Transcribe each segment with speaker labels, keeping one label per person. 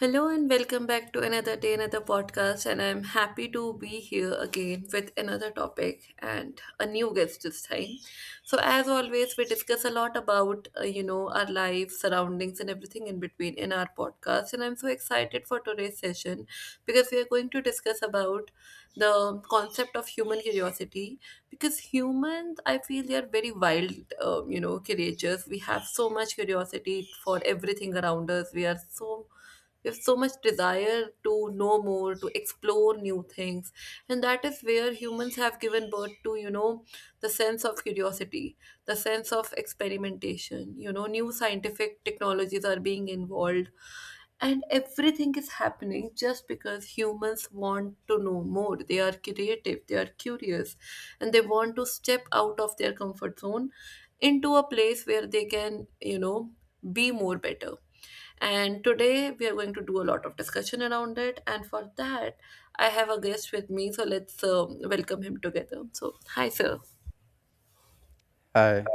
Speaker 1: Hello and welcome back to another day, another podcast. And I'm happy to be here again with another topic and a new guest this time. So, as always, we discuss a lot about, you know, our life, surroundings, and everything in between in our podcast. And I'm so excited for today's session because we are going to discuss about the concept of human curiosity. Because humans, I feel, they are very wild, you know, creatures. We have so much curiosity for everything around us. We have so much desire to know more, to explore new things. And that is where humans have given birth to, you know, the sense of curiosity, the sense of experimentation. You know, new scientific technologies are being involved, and everything is happening just because humans want to know more. They are creative, they are curious, and they want to step out of their comfort zone into a place where they can, you know, be more better. And today we are going to do a lot of discussion around it. And for that, I have a guest with me. So let's welcome him together. So, hi, sir.
Speaker 2: Hi,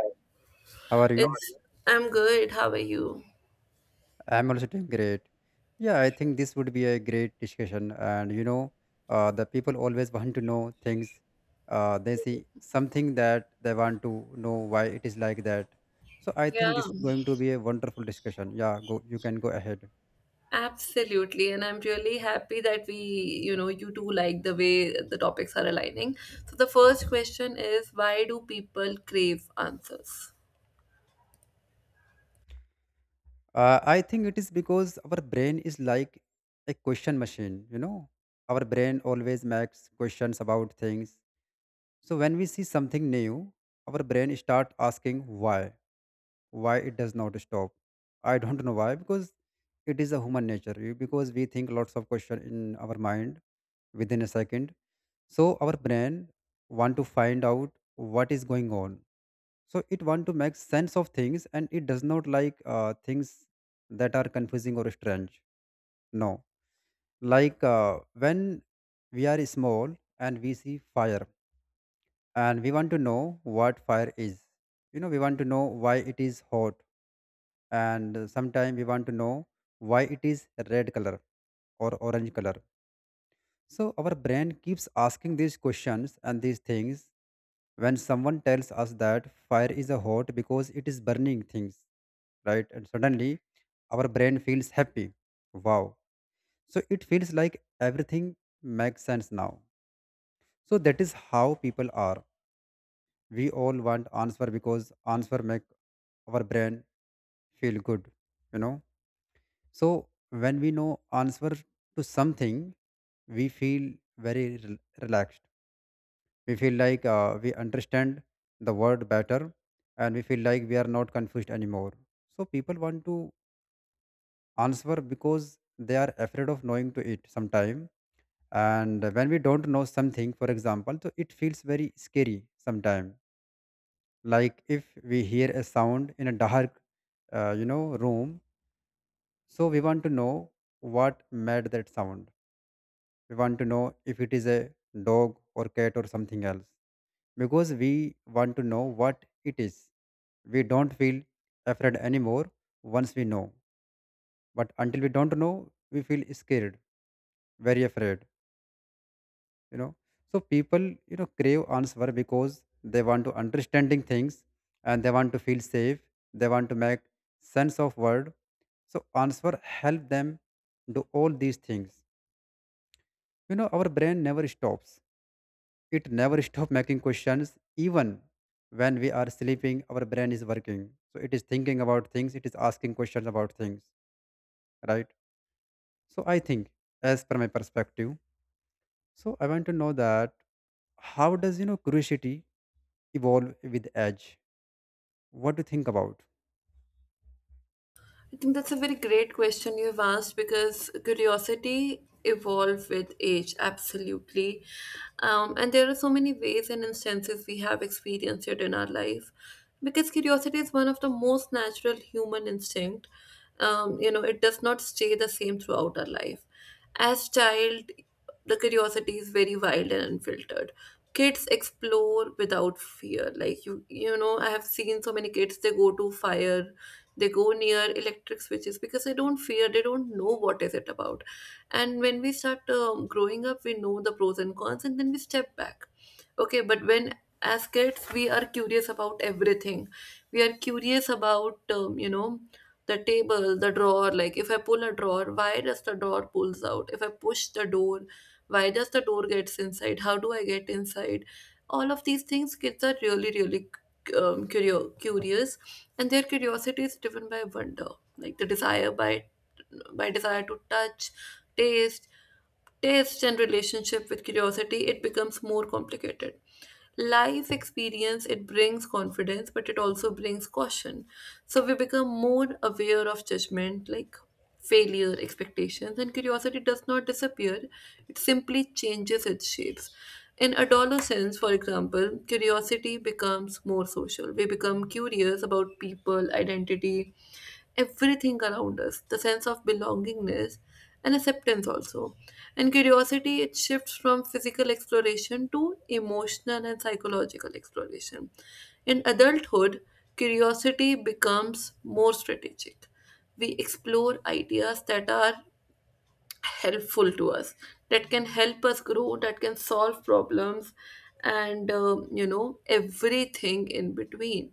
Speaker 2: how are you?
Speaker 1: It's I'm good. How are you?
Speaker 2: I'm also doing great. Yeah, I think this would be a great discussion. The people always want to know things. They see something that they want to know why it is like that. So I
Speaker 1: Yeah.
Speaker 2: think this is going to be a wonderful discussion. Yeah, go. You can go ahead.
Speaker 1: Absolutely, and I'm really happy that you two like the way the topics are aligning. So, the first question is, why do people crave answers?
Speaker 2: I think it is because our brain is like a question machine. You know, our brain always makes questions about things. So when we see something new, our brain start asking why. It does not stop, I don't know why, because it is a human nature because we think lots of question in our mind within a second. So our brain want to find out what is going on. So it want to make sense of things, and it does not like things that are confusing or strange. No, like when we are small and we see fire, and we want to know what fire is. You know, we want to know why it is hot, and sometimes we want to know why it is red color or orange color. So our brain keeps asking these questions and these things. When someone tells us that fire is a hot because it is burning things, right? And suddenly our brain feels happy. Wow. So it feels like everything makes sense now. So that is how people are. We all want answer because answer make our brain feel good, you know. So when we know answer to something, we feel very relaxed. We feel like we understand the word better, and we feel like we are not confused anymore. So people want to answer because they are afraid of knowing to it sometime. And when we don't know something, for example, so it feels very scary sometime. Like if we hear a sound in a dark, you know, room, so we want to know what made that sound. We want to know if it is a dog or cat or something else, because we want to know what it is. We don't feel afraid anymore once we know, but until we don't know, we feel scared, very afraid, you know. So people, you know, crave answer because they want to understanding things, and they want to feel safe, they want to make sense of word. So answer help them do all these things. You know, our brain never stops. It never stops making questions even when we are sleeping. Our brain is working. So it is thinking about things, it is asking questions about things, right? So I think, as per my perspective, so I want to know that how does, you know, curiosity evolve with age? What do you think about?
Speaker 1: I think that's a very great question you've asked, because curiosity evolve with age, absolutely. And there are so many ways and instances we have experienced it in our life, because curiosity is one of the most natural human instinct. You know, it does not stay the same throughout our life. As child, the curiosity is very wild and unfiltered. Kids explore without fear. Like you know, I have seen so many kids, they go to fire, they go near electric switches because they don't fear, they don't know what is it about. And when we start growing up, we know the pros and cons, and then we step back. Okay, but when, as kids, we are curious about everything. We are curious about you know, the table, the drawer. Like if I pull a drawer, why does the drawer pulls out? If I push the door, why does the door gets inside? How do I get inside? All of these things, kids are really really curious. And their curiosity is driven by wonder, like the desire by desire to touch, taste taste. And relationship with curiosity, it becomes more complicated. Life experience, it brings confidence, but it also brings caution. So we become more aware of judgment, like failure, expectations, and curiosity does not disappear, it simply changes its shapes. In adolescence, for example, curiosity becomes more social. We become curious about people, identity, everything around us, the sense of belongingness and acceptance also. And curiosity, it shifts from physical exploration to emotional and psychological exploration. In adulthood, curiosity becomes more strategic. We explore ideas that are helpful to us, that can help us grow, that can solve problems, and you know, everything in between,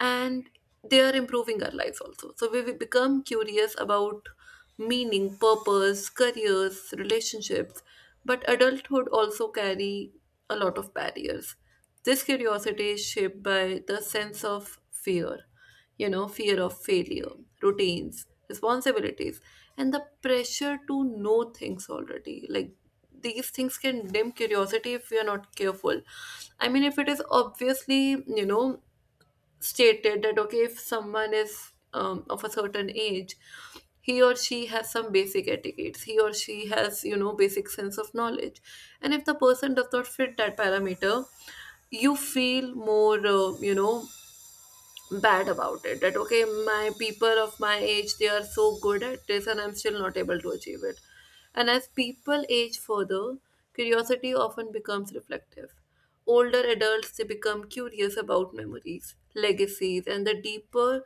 Speaker 1: and they are improving our lives also. So we become curious about meaning, purpose, careers, relationships. But adulthood also carry a lot of barriers. This curiosity is shaped by the sense of fear, you know, fear of failure, routines, responsibilities, and the pressure to know things already. Like these things can dim curiosity if we are not careful. I mean, if it is obviously, you know, stated that okay, if someone is of a certain age, he or she has some basic etiquettes, he or she has, you know, basic sense of knowledge, and if the person does not fit that parameter, you feel more you know, bad about it, that okay, my people of my age, they are so good at this and I'm still not able to achieve it. And as people age further, curiosity often becomes reflective. Older adults, they become curious about memories, legacies, and the deeper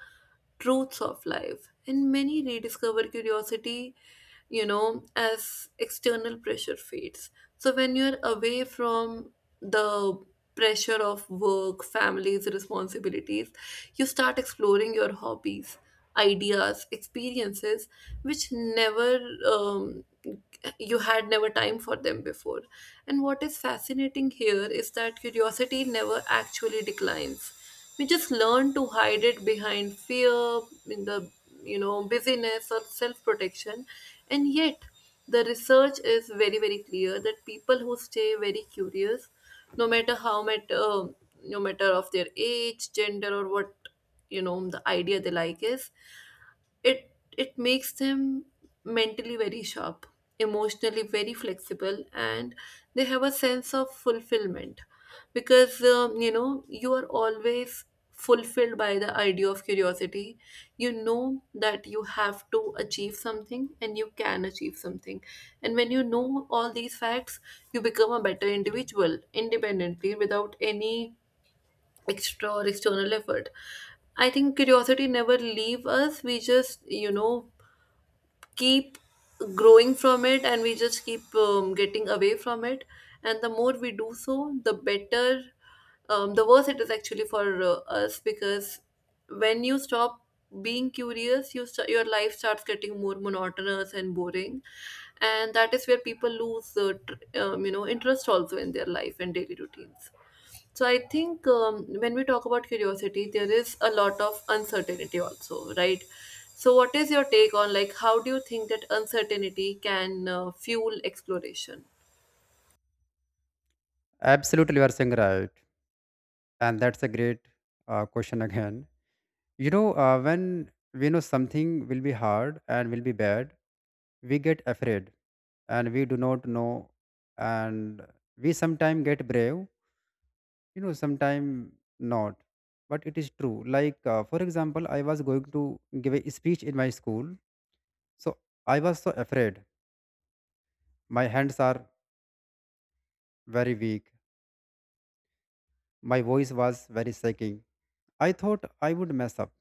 Speaker 1: truths of life, and many rediscover curiosity, you know, as external pressure fades. So when you're away from the pressure of work, families, responsibilities, you start exploring your hobbies, ideas, experiences which never um, you had never time for them before. And what is fascinating here is that curiosity never actually declines. We just learn to hide it behind fear, in the, you know, busyness or self-protection, and yet the research is very very clear that people who stay very curious, no matter how much no matter of their age, gender or what, you know, the idea they like is, it it makes them mentally very sharp, emotionally very flexible, and they have a sense of fulfillment, because you know, you are always fulfilled by the idea of curiosity. You know that you have to achieve something and you can achieve something, and when you know all these facts, you become a better individual independently without any extra or external effort. I think curiosity never leave us. We just, you know, keep growing from it, and we just keep getting away from it. And the more we do so, the better, the worse it is actually for us, because when you stop being curious, your life starts getting more monotonous and boring. And that is where people lose, you know, interest also in their life and daily routines. So I think, when we talk about curiosity, there is a lot of uncertainty also, right? So what is your take on, like, how do you think that uncertainty can fuel exploration?
Speaker 2: Absolutely, you are saying right, and that's a great question again. You know, when we know something will be hard and will be bad, we get afraid and we do not know, and we sometimes get brave, you know, sometimes not. But it is true, like for example, I was going to give a speech in my school. So I was so afraid. My hands are very weak, my voice was very shaking. I thought I would mess up.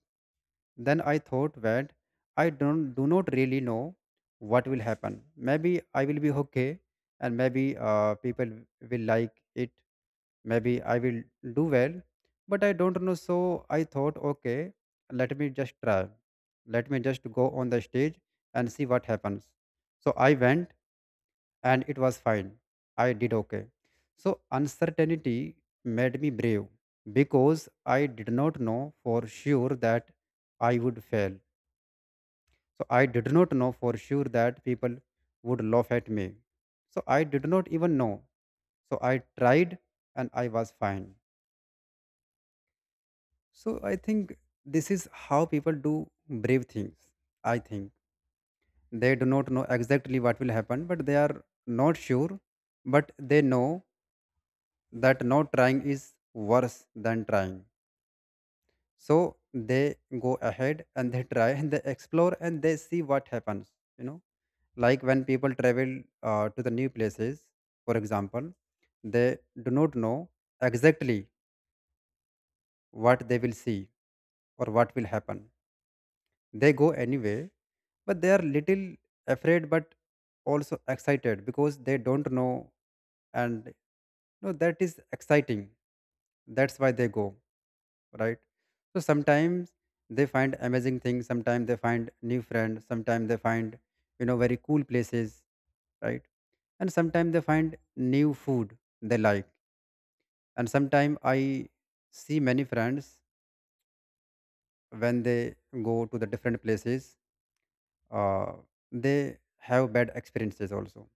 Speaker 2: Then I thought that I don't do not really know what will happen. Maybe I will be okay, and maybe people will like it. Maybe I will do well, but I don't know. So I thought, okay, let me just try. Let me just go on the stage and see what happens. So I went, and it was fine. I did okay. So uncertainty made me brave because I did not know for sure that I would fail. So I did not know for sure that people would laugh at me. So I did not even know. So I tried, and I was fine. So I think this is how people do brave things. I think they do not know exactly what will happen, but they are not sure, but they know that not trying is worse than trying. So they go ahead, and they try, and they explore, and they see what happens. You know, like when people travel to the new places, for example, they do not know exactly what they will see or what will happen. They go anyway, but they are little afraid but also excited because they don't know, and no, that is exciting. That's why they go, right? So sometimes they find amazing things, sometimes they find new friends, sometimes they find, you know, very cool places, right? And sometimes they find new food they like, and sometimes I see many friends when they go to the different places. uh, they have bad experiences also,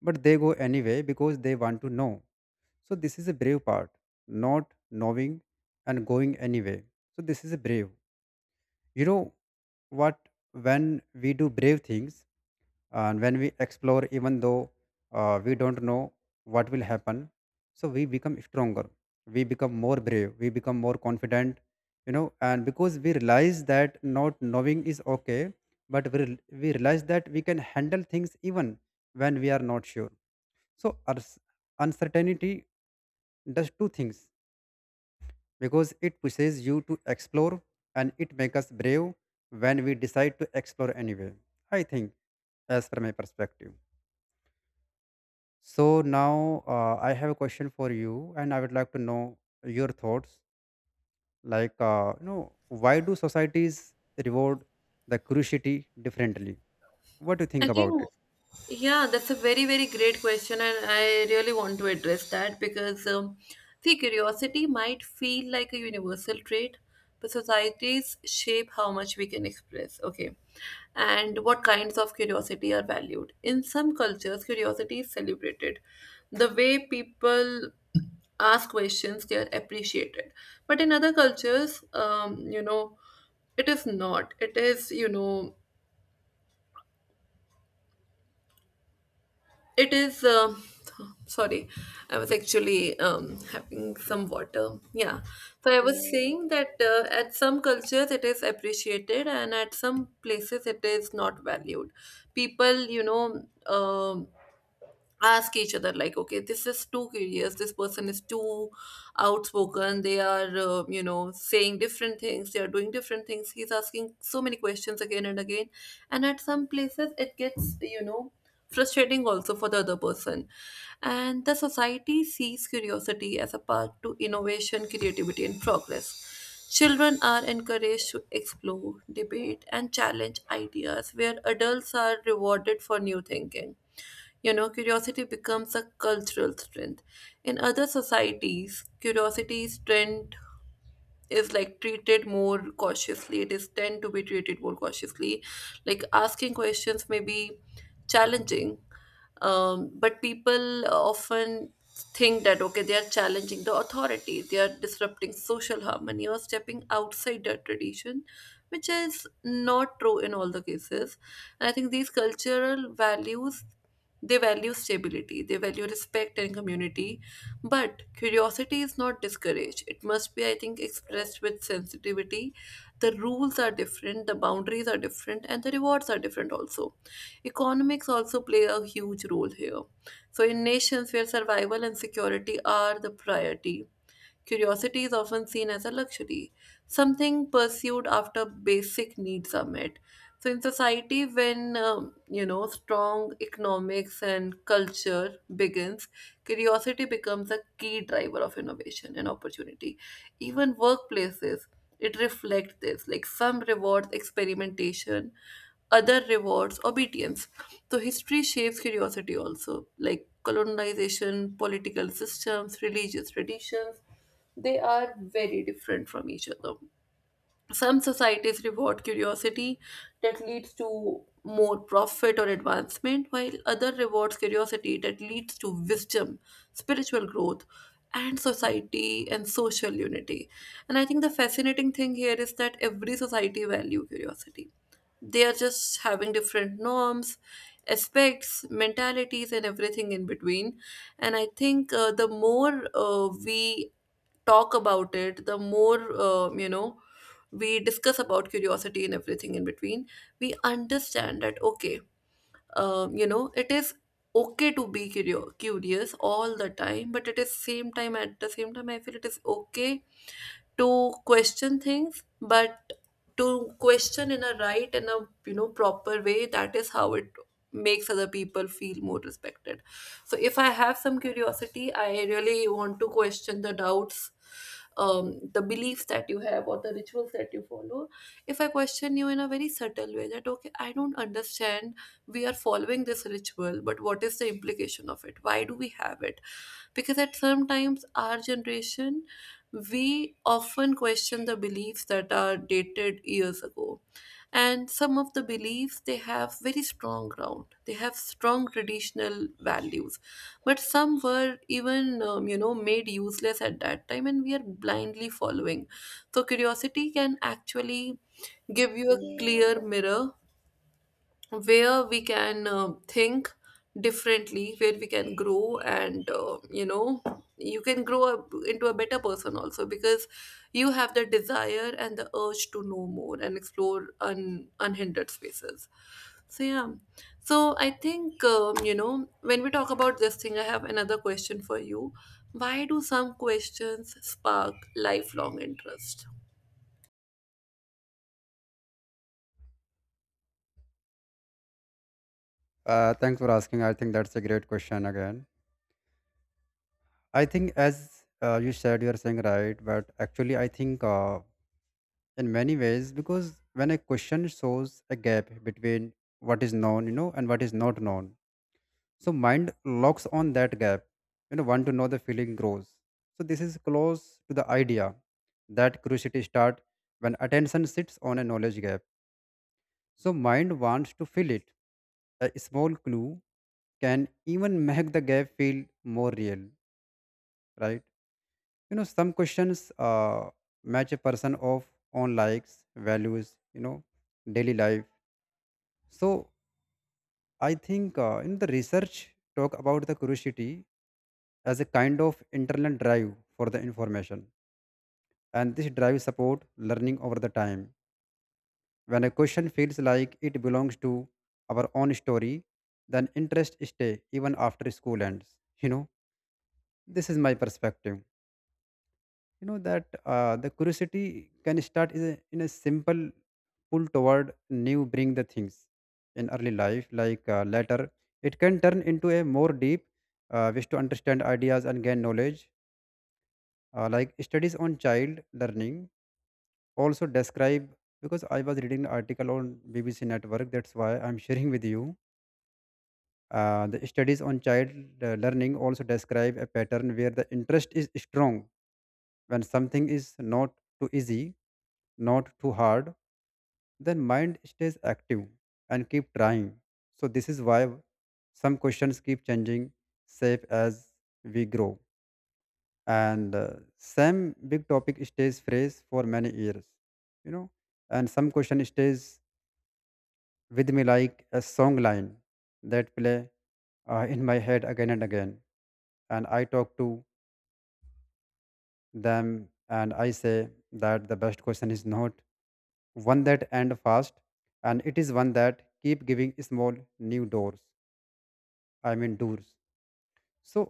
Speaker 2: but they go anyway because they want to know. So this is a brave part, not knowing and going anyway. So this is a brave, you know, what. When we do brave things, and when we explore even though we don't know what will happen, so we become stronger, we become more brave, we become more confident, you know. And because we realize that not knowing is okay, but we realize that we can handle things even when we are not sure. So uncertainty does two things, because it pushes you to explore, and it makes us brave when we decide to explore anyway. I think, as per my perspective. So now I have a question for you, and I would like to know your thoughts. Like, you know, why do societies reward the curiosity differently? What do you
Speaker 1: I
Speaker 2: think about
Speaker 1: think,
Speaker 2: it?
Speaker 1: yeah, that's a very, very great question, and I really want to address that because, see, curiosity might feel like a universal trait, but societies shape how much we can express, okay, and what kinds of curiosity are valued. In some cultures, curiosity is celebrated. The way people ask questions, they are appreciated. But in other cultures, you know, it is not. It is, you know, It is. Sorry, I was actually having some water. Yeah. So I was saying that at some cultures it is appreciated and at some places it is not valued. People, you know, ask each other like okay, this is too curious, this person is too outspoken, they are you know, saying different things, they are doing different things, he's asking so many questions again and again, and at some places it gets, you know, frustrating also for the other person. And the society sees curiosity as a path to innovation, creativity and progress. Children are encouraged to explore, debate, and challenge ideas, where adults are rewarded for new thinking. You know, curiosity becomes a cultural strength. In other societies, curiosity is trend is like treated more cautiously it is tend to be treated more cautiously. Like asking questions may be challenging, but people often think that okay, they are challenging the authority, they are disrupting social harmony or stepping outside their tradition, which is not true in all the cases. And I think these cultural values, they value stability, they value respect and community, but curiosity is not discouraged. It must be, I think, expressed with sensitivity. The rules are different, the boundaries are different, and the rewards are different also. Economics also play a huge role here. So, in nations where survival and security are the priority, curiosity is often seen as a luxury, something pursued after basic needs are met. So, in society, when you know, strong economics and culture begins, curiosity becomes a key driver of innovation and opportunity. Even workplaces, it reflects this. Like some rewards experimentation, other rewards obedience. So history shapes curiosity also, like colonization, political systems, religious traditions. They are very different from each other. Some societies reward curiosity that leads to more profit or advancement, while other rewards curiosity that leads to wisdom, spiritual growth, and society and social unity. And I think the fascinating thing here is that every society value curiosity, they are just having different norms, aspects, mentalities and everything in between. And I think, the more we talk about it, the more, you know, we discuss about curiosity and everything in between, we understand that, okay, you know, it is okay to be curious all the time, but at the same time, I feel it is okay to question things, but to question in a right and a, you know, proper way. That is how it makes other people feel more respected. So if I have some curiosity, I really want to question the doubts, the beliefs that you have or the rituals that you follow. If I question you in a very subtle way that, okay, I don't understand, we are following this ritual, but what is the implication of it? Why do we have it? Because at some times, our generation, we often question the beliefs that are dated years ago. And some of the beliefs, they have very strong ground. They have strong traditional values. But some were even, made useless at that time, and we are blindly following. So curiosity can actually give you a clear mirror where we can think differently, where we can grow, and you can grow up into a better person also, because you have the desire and the urge to know more and explore unhindered spaces. So yeah, so I think when we talk about this thing, I have another question for you. Why do some questions spark lifelong interest?
Speaker 2: Thanks for asking. I think that's a great question again. I think, as you said, you're saying right, but actually, I think in many ways, because when a question shows a gap between what is known, you know, and what is not known, so mind locks on that gap, you know, want to know the feeling grows. So this is close to the idea that curiosity start when attention sits on a knowledge gap. So mind wants to fill it. A small clue can even make the gap feel more real, right? You know, some questions match a person of own likes, values, you know, daily life. So I think in the research talk about the curiosity as a kind of internal drive for the information, and this drive support learning over the time. When a question feels like it belongs to our own story, then interest stay even after school ends, you know. This is my perspective, you know, that the curiosity can start in a simple pull toward new bring the things in early life. Like later it can turn into a more deep wish to understand ideas and gain knowledge. Like studies on child learning also describe, because I was reading an article on BBC network, that's why I'm sharing with you. The studies on child learning also describe a pattern where the interest is strong when something is not too easy, not too hard. Then mind stays active and keep trying. So this is why some questions keep changing shape as we grow, and same big topic stays fresh for many years, you know. And some question stays with me like a song line that play in my head again and again. And I talk to them and I say that the best question is not one that end fast, and it is one that keep giving small new doors. I mean doors. So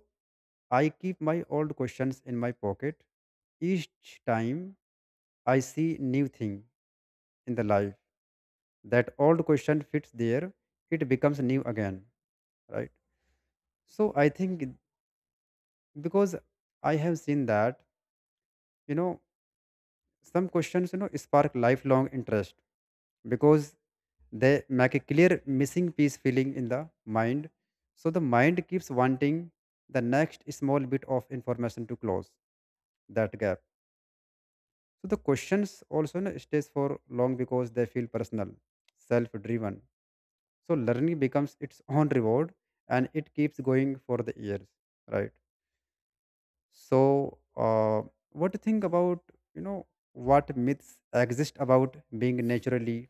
Speaker 2: I keep my old questions in my pocket. Each time I see new thing in the life, that old question fits there, it becomes new again, right? So I think because I have seen that, you know, some questions, you know, spark lifelong interest because they make a clear missing piece feeling in the mind. So the mind keeps wanting the next small bit of information to close that gap. So the questions also, you know, stays for long because they feel personal, self driven. So learning becomes its own reward, and it keeps going for the years, right? So what do you think about, you know, what myths exist about being naturally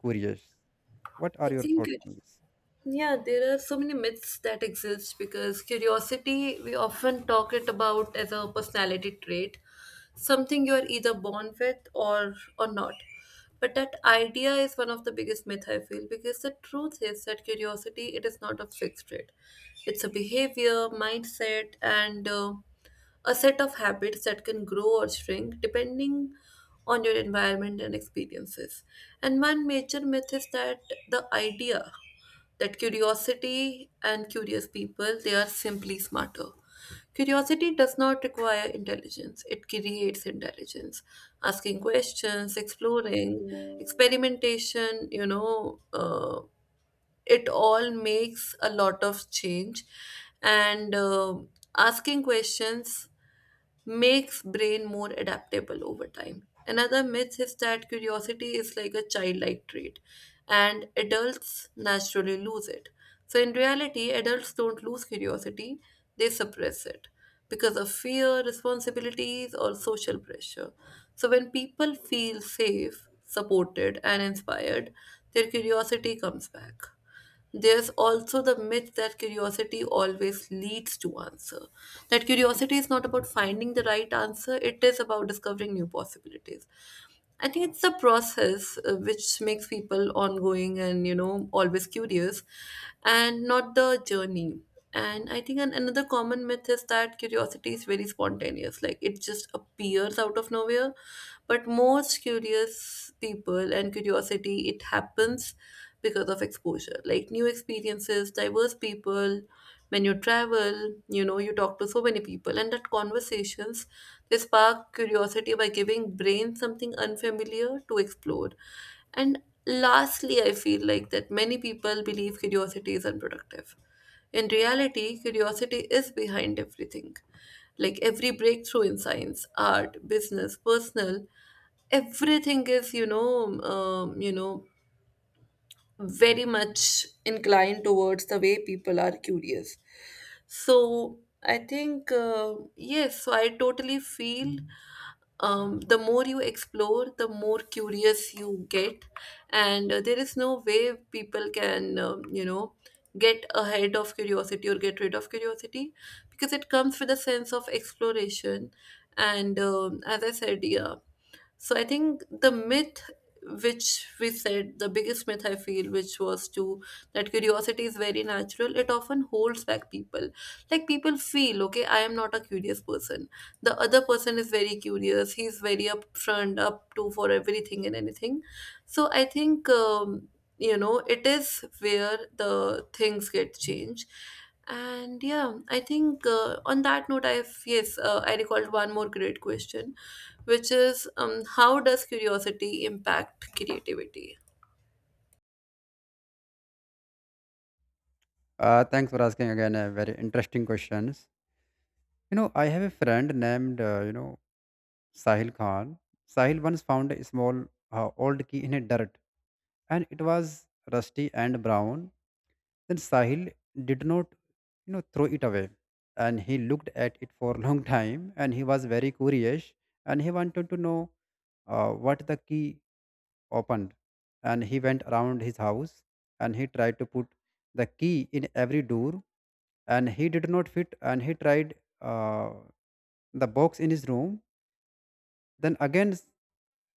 Speaker 2: curious? What
Speaker 1: I
Speaker 2: are your
Speaker 1: think
Speaker 2: thoughts
Speaker 1: it,
Speaker 2: on this?
Speaker 1: yeah, there are so many myths that exist because curiosity, we often talk it about as a personality trait, something you are either born with or not. But that idea is one of the biggest myth I feel, because the truth is that curiosity, it is not a fixed trait. It's a behavior, mindset, and a set of habits that can grow or shrink depending on your environment and experiences. And one major myth is that the idea that curiosity and curious people, they are simply smarter. Curiosity does not require intelligence, it creates intelligence. Asking questions, exploring, experimentation, it all makes a lot of change. And Asking questions makes brain more adaptable over time. Another myth is that curiosity is like a childlike trait and adults naturally lose it. So in reality, adults don't lose curiosity, they suppress it because of fear, responsibilities or social pressure. So when people feel safe, supported and inspired, their curiosity comes back. There's also the myth that curiosity always leads to answer. That curiosity is not about finding the right answer, it is about discovering new possibilities. I think it's the process which makes people ongoing and you know always curious, and not the journey. And I think another common myth is that curiosity is very spontaneous, like it just appears out of nowhere. But most curious people and curiosity, it happens because of exposure, like new experiences, diverse people. When you travel, you know, you talk to so many people, and that conversations, they spark curiosity by giving brain something unfamiliar to explore. And lastly, I feel like that many people believe curiosity is unproductive. In reality, curiosity is behind everything. Like every breakthrough in science, art, business, personal, everything is very much inclined towards the way people are curious. So i think uh, yes, so I totally feel the more you explore, the more curious you get, and there is no way people can, get ahead of curiosity or get rid of curiosity, because it comes with a sense of exploration. And as I said, yeah, so I think the myth which we said, the biggest myth I feel, which was to that curiosity is very natural, it often holds back people. Like people feel, okay, I am not a curious person. The other person is very curious, he's very upfront, up to for everything and anything. So I think, it is where the things get changed. And yeah i think uh, on that note, I recalled one more great question, which is, how does curiosity impact creativity?
Speaker 2: Thanks for asking again a very interesting questions. You know, I have a friend named, you know, Sahil Khan. Sahil once found a small old key in a dirt, and it was rusty and brown. Then Sahil did not, you know, throw it away. And he looked at it for a long time, and he was very curious, and he wanted to know what the key opened. And he went around his house and he tried to put the key in every door and he did not fit, and he tried uh, the box in his room. Then again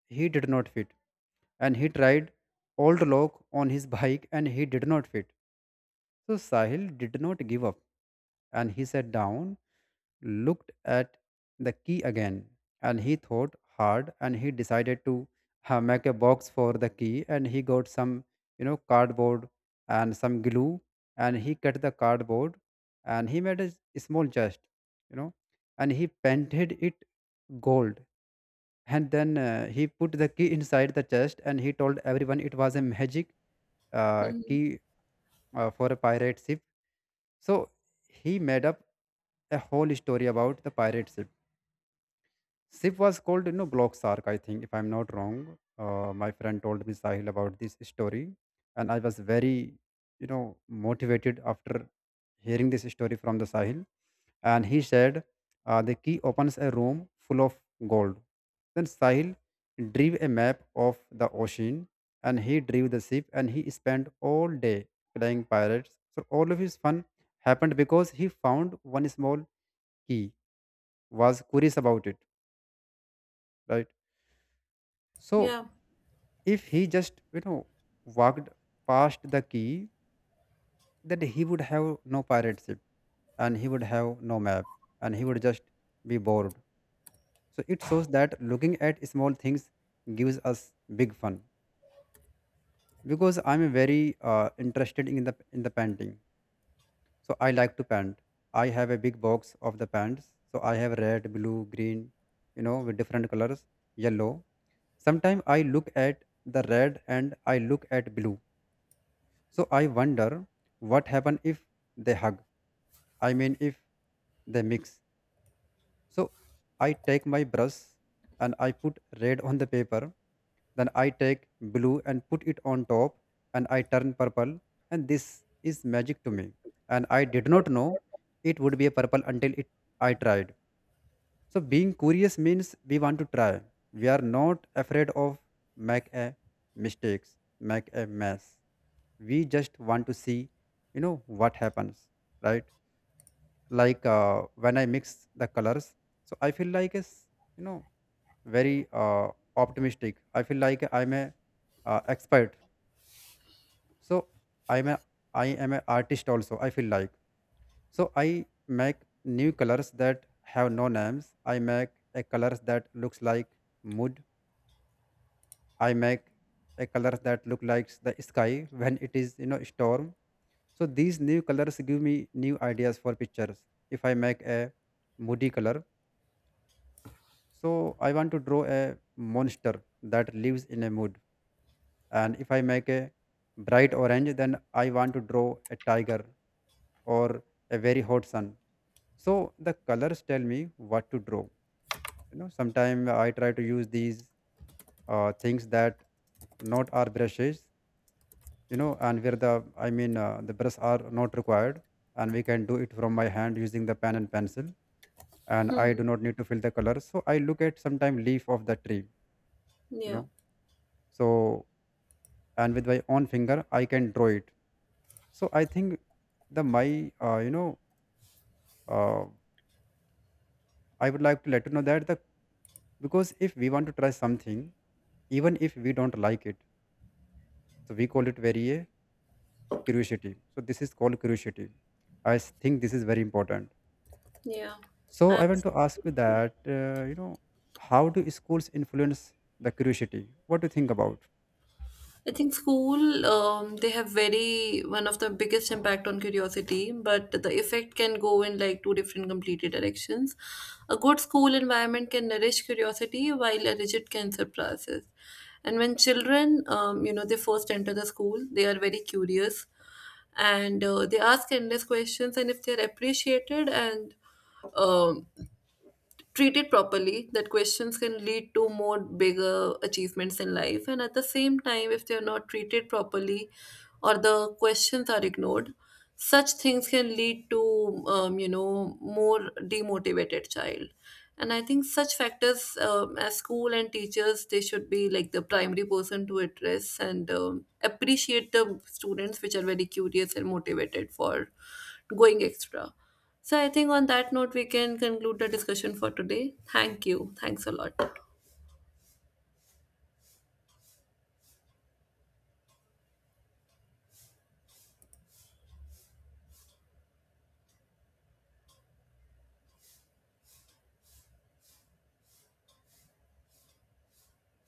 Speaker 2: he did not fit, and he tried old lock on his bike and he did not fit, so Sahil did not give up and he sat down, looked at the key again, and he thought hard and he decided to make a box for the key. And he got some, cardboard and some glue, and he cut the cardboard and he made a small chest, you know, and he painted it gold. And then he put the key inside the chest and he told everyone it was a magic
Speaker 1: Hmm.
Speaker 2: key for a pirate ship. So he made up a whole story about the pirate ship. Ship was called, you know, Glock Sark, I think, if I'm not wrong. My friend told me Sahil about this story, and I was very, you know, motivated after hearing this story from the Sahil. And he said, the key opens a room full of gold. Then Sahil drew a map of the ocean and he drew the ship and he spent all day playing pirates. So all of his fun happened because he found one small key, was curious about it, right? So
Speaker 1: Yeah.
Speaker 2: if he just, you know, walked past the key, then he would have no pirate ship and he would have no map and he would just be bored. So it shows that looking at small things gives us big fun. Because I'm very interested in the painting, so I like to paint. I have a big box of the paints, so I have red, blue, green, you know, with different colors, yellow. Sometimes I look at the red and I look at blue, so I wonder what happen if they hug. I mean, if they mix. So I take my brush and I put red on the paper. Then I take blue and put it on top, and I turn purple. And this is magic to me. And I did not know it would be a purple until it I tried. So being curious means we want to try. We are not afraid of make a mistakes, make a mess. We just want to see, what happens, right? Like when I mix the colors, so I feel like a you know very optimistic. I feel like I'm a expert. So i'm a I am an artist also, I feel like. So I make new colors that have no names. I make a colors that looks like mood. I make a colors that look like the sky when it is, you know, storm. So these new colors give me new ideas for pictures. If I make a moody color, so I want to draw a monster that lives in a mood. And if I make a bright orange, then I want to draw a tiger or a very hot sun. So the colors tell me what to draw. You know, sometimes I try to use these things that not are brushes. You know, and where the the brush are not required, and we can do it from my hand using the pen and pencil. And
Speaker 1: Hmm.
Speaker 2: I do not need to fill the color. So I look at sometime leaf of the tree. You
Speaker 1: Yeah.
Speaker 2: know, so and with my own finger I can draw it. So I think the my you know uh, I would like to let you know that the because if we want to try something, even if we don't like it, so we call it very curiosity. So this is called curiosity. I think this is very important.
Speaker 1: Yeah,
Speaker 2: So I want to ask you
Speaker 1: absolutely.
Speaker 2: that, how do schools influence the curiosity? What do you think about
Speaker 1: I think school, they have very one of the biggest impact on curiosity, but the effect can go in like two different completely directions. A good school environment can nourish curiosity, while a rigid can suppress it. And when children, they first enter the school, they are very curious, and they ask endless questions. And if they are appreciated and, um, treated properly, that questions can lead to more bigger achievements in life. And at the same time, if they are not treated properly or the questions are ignored, such things can lead to more demotivated child. And I think such factors, as school and teachers, they should be like the primary person to address and appreciate the students which are very curious and motivated for going extra. So I think on that note, we can conclude the discussion for today. Thank you. Thanks a lot.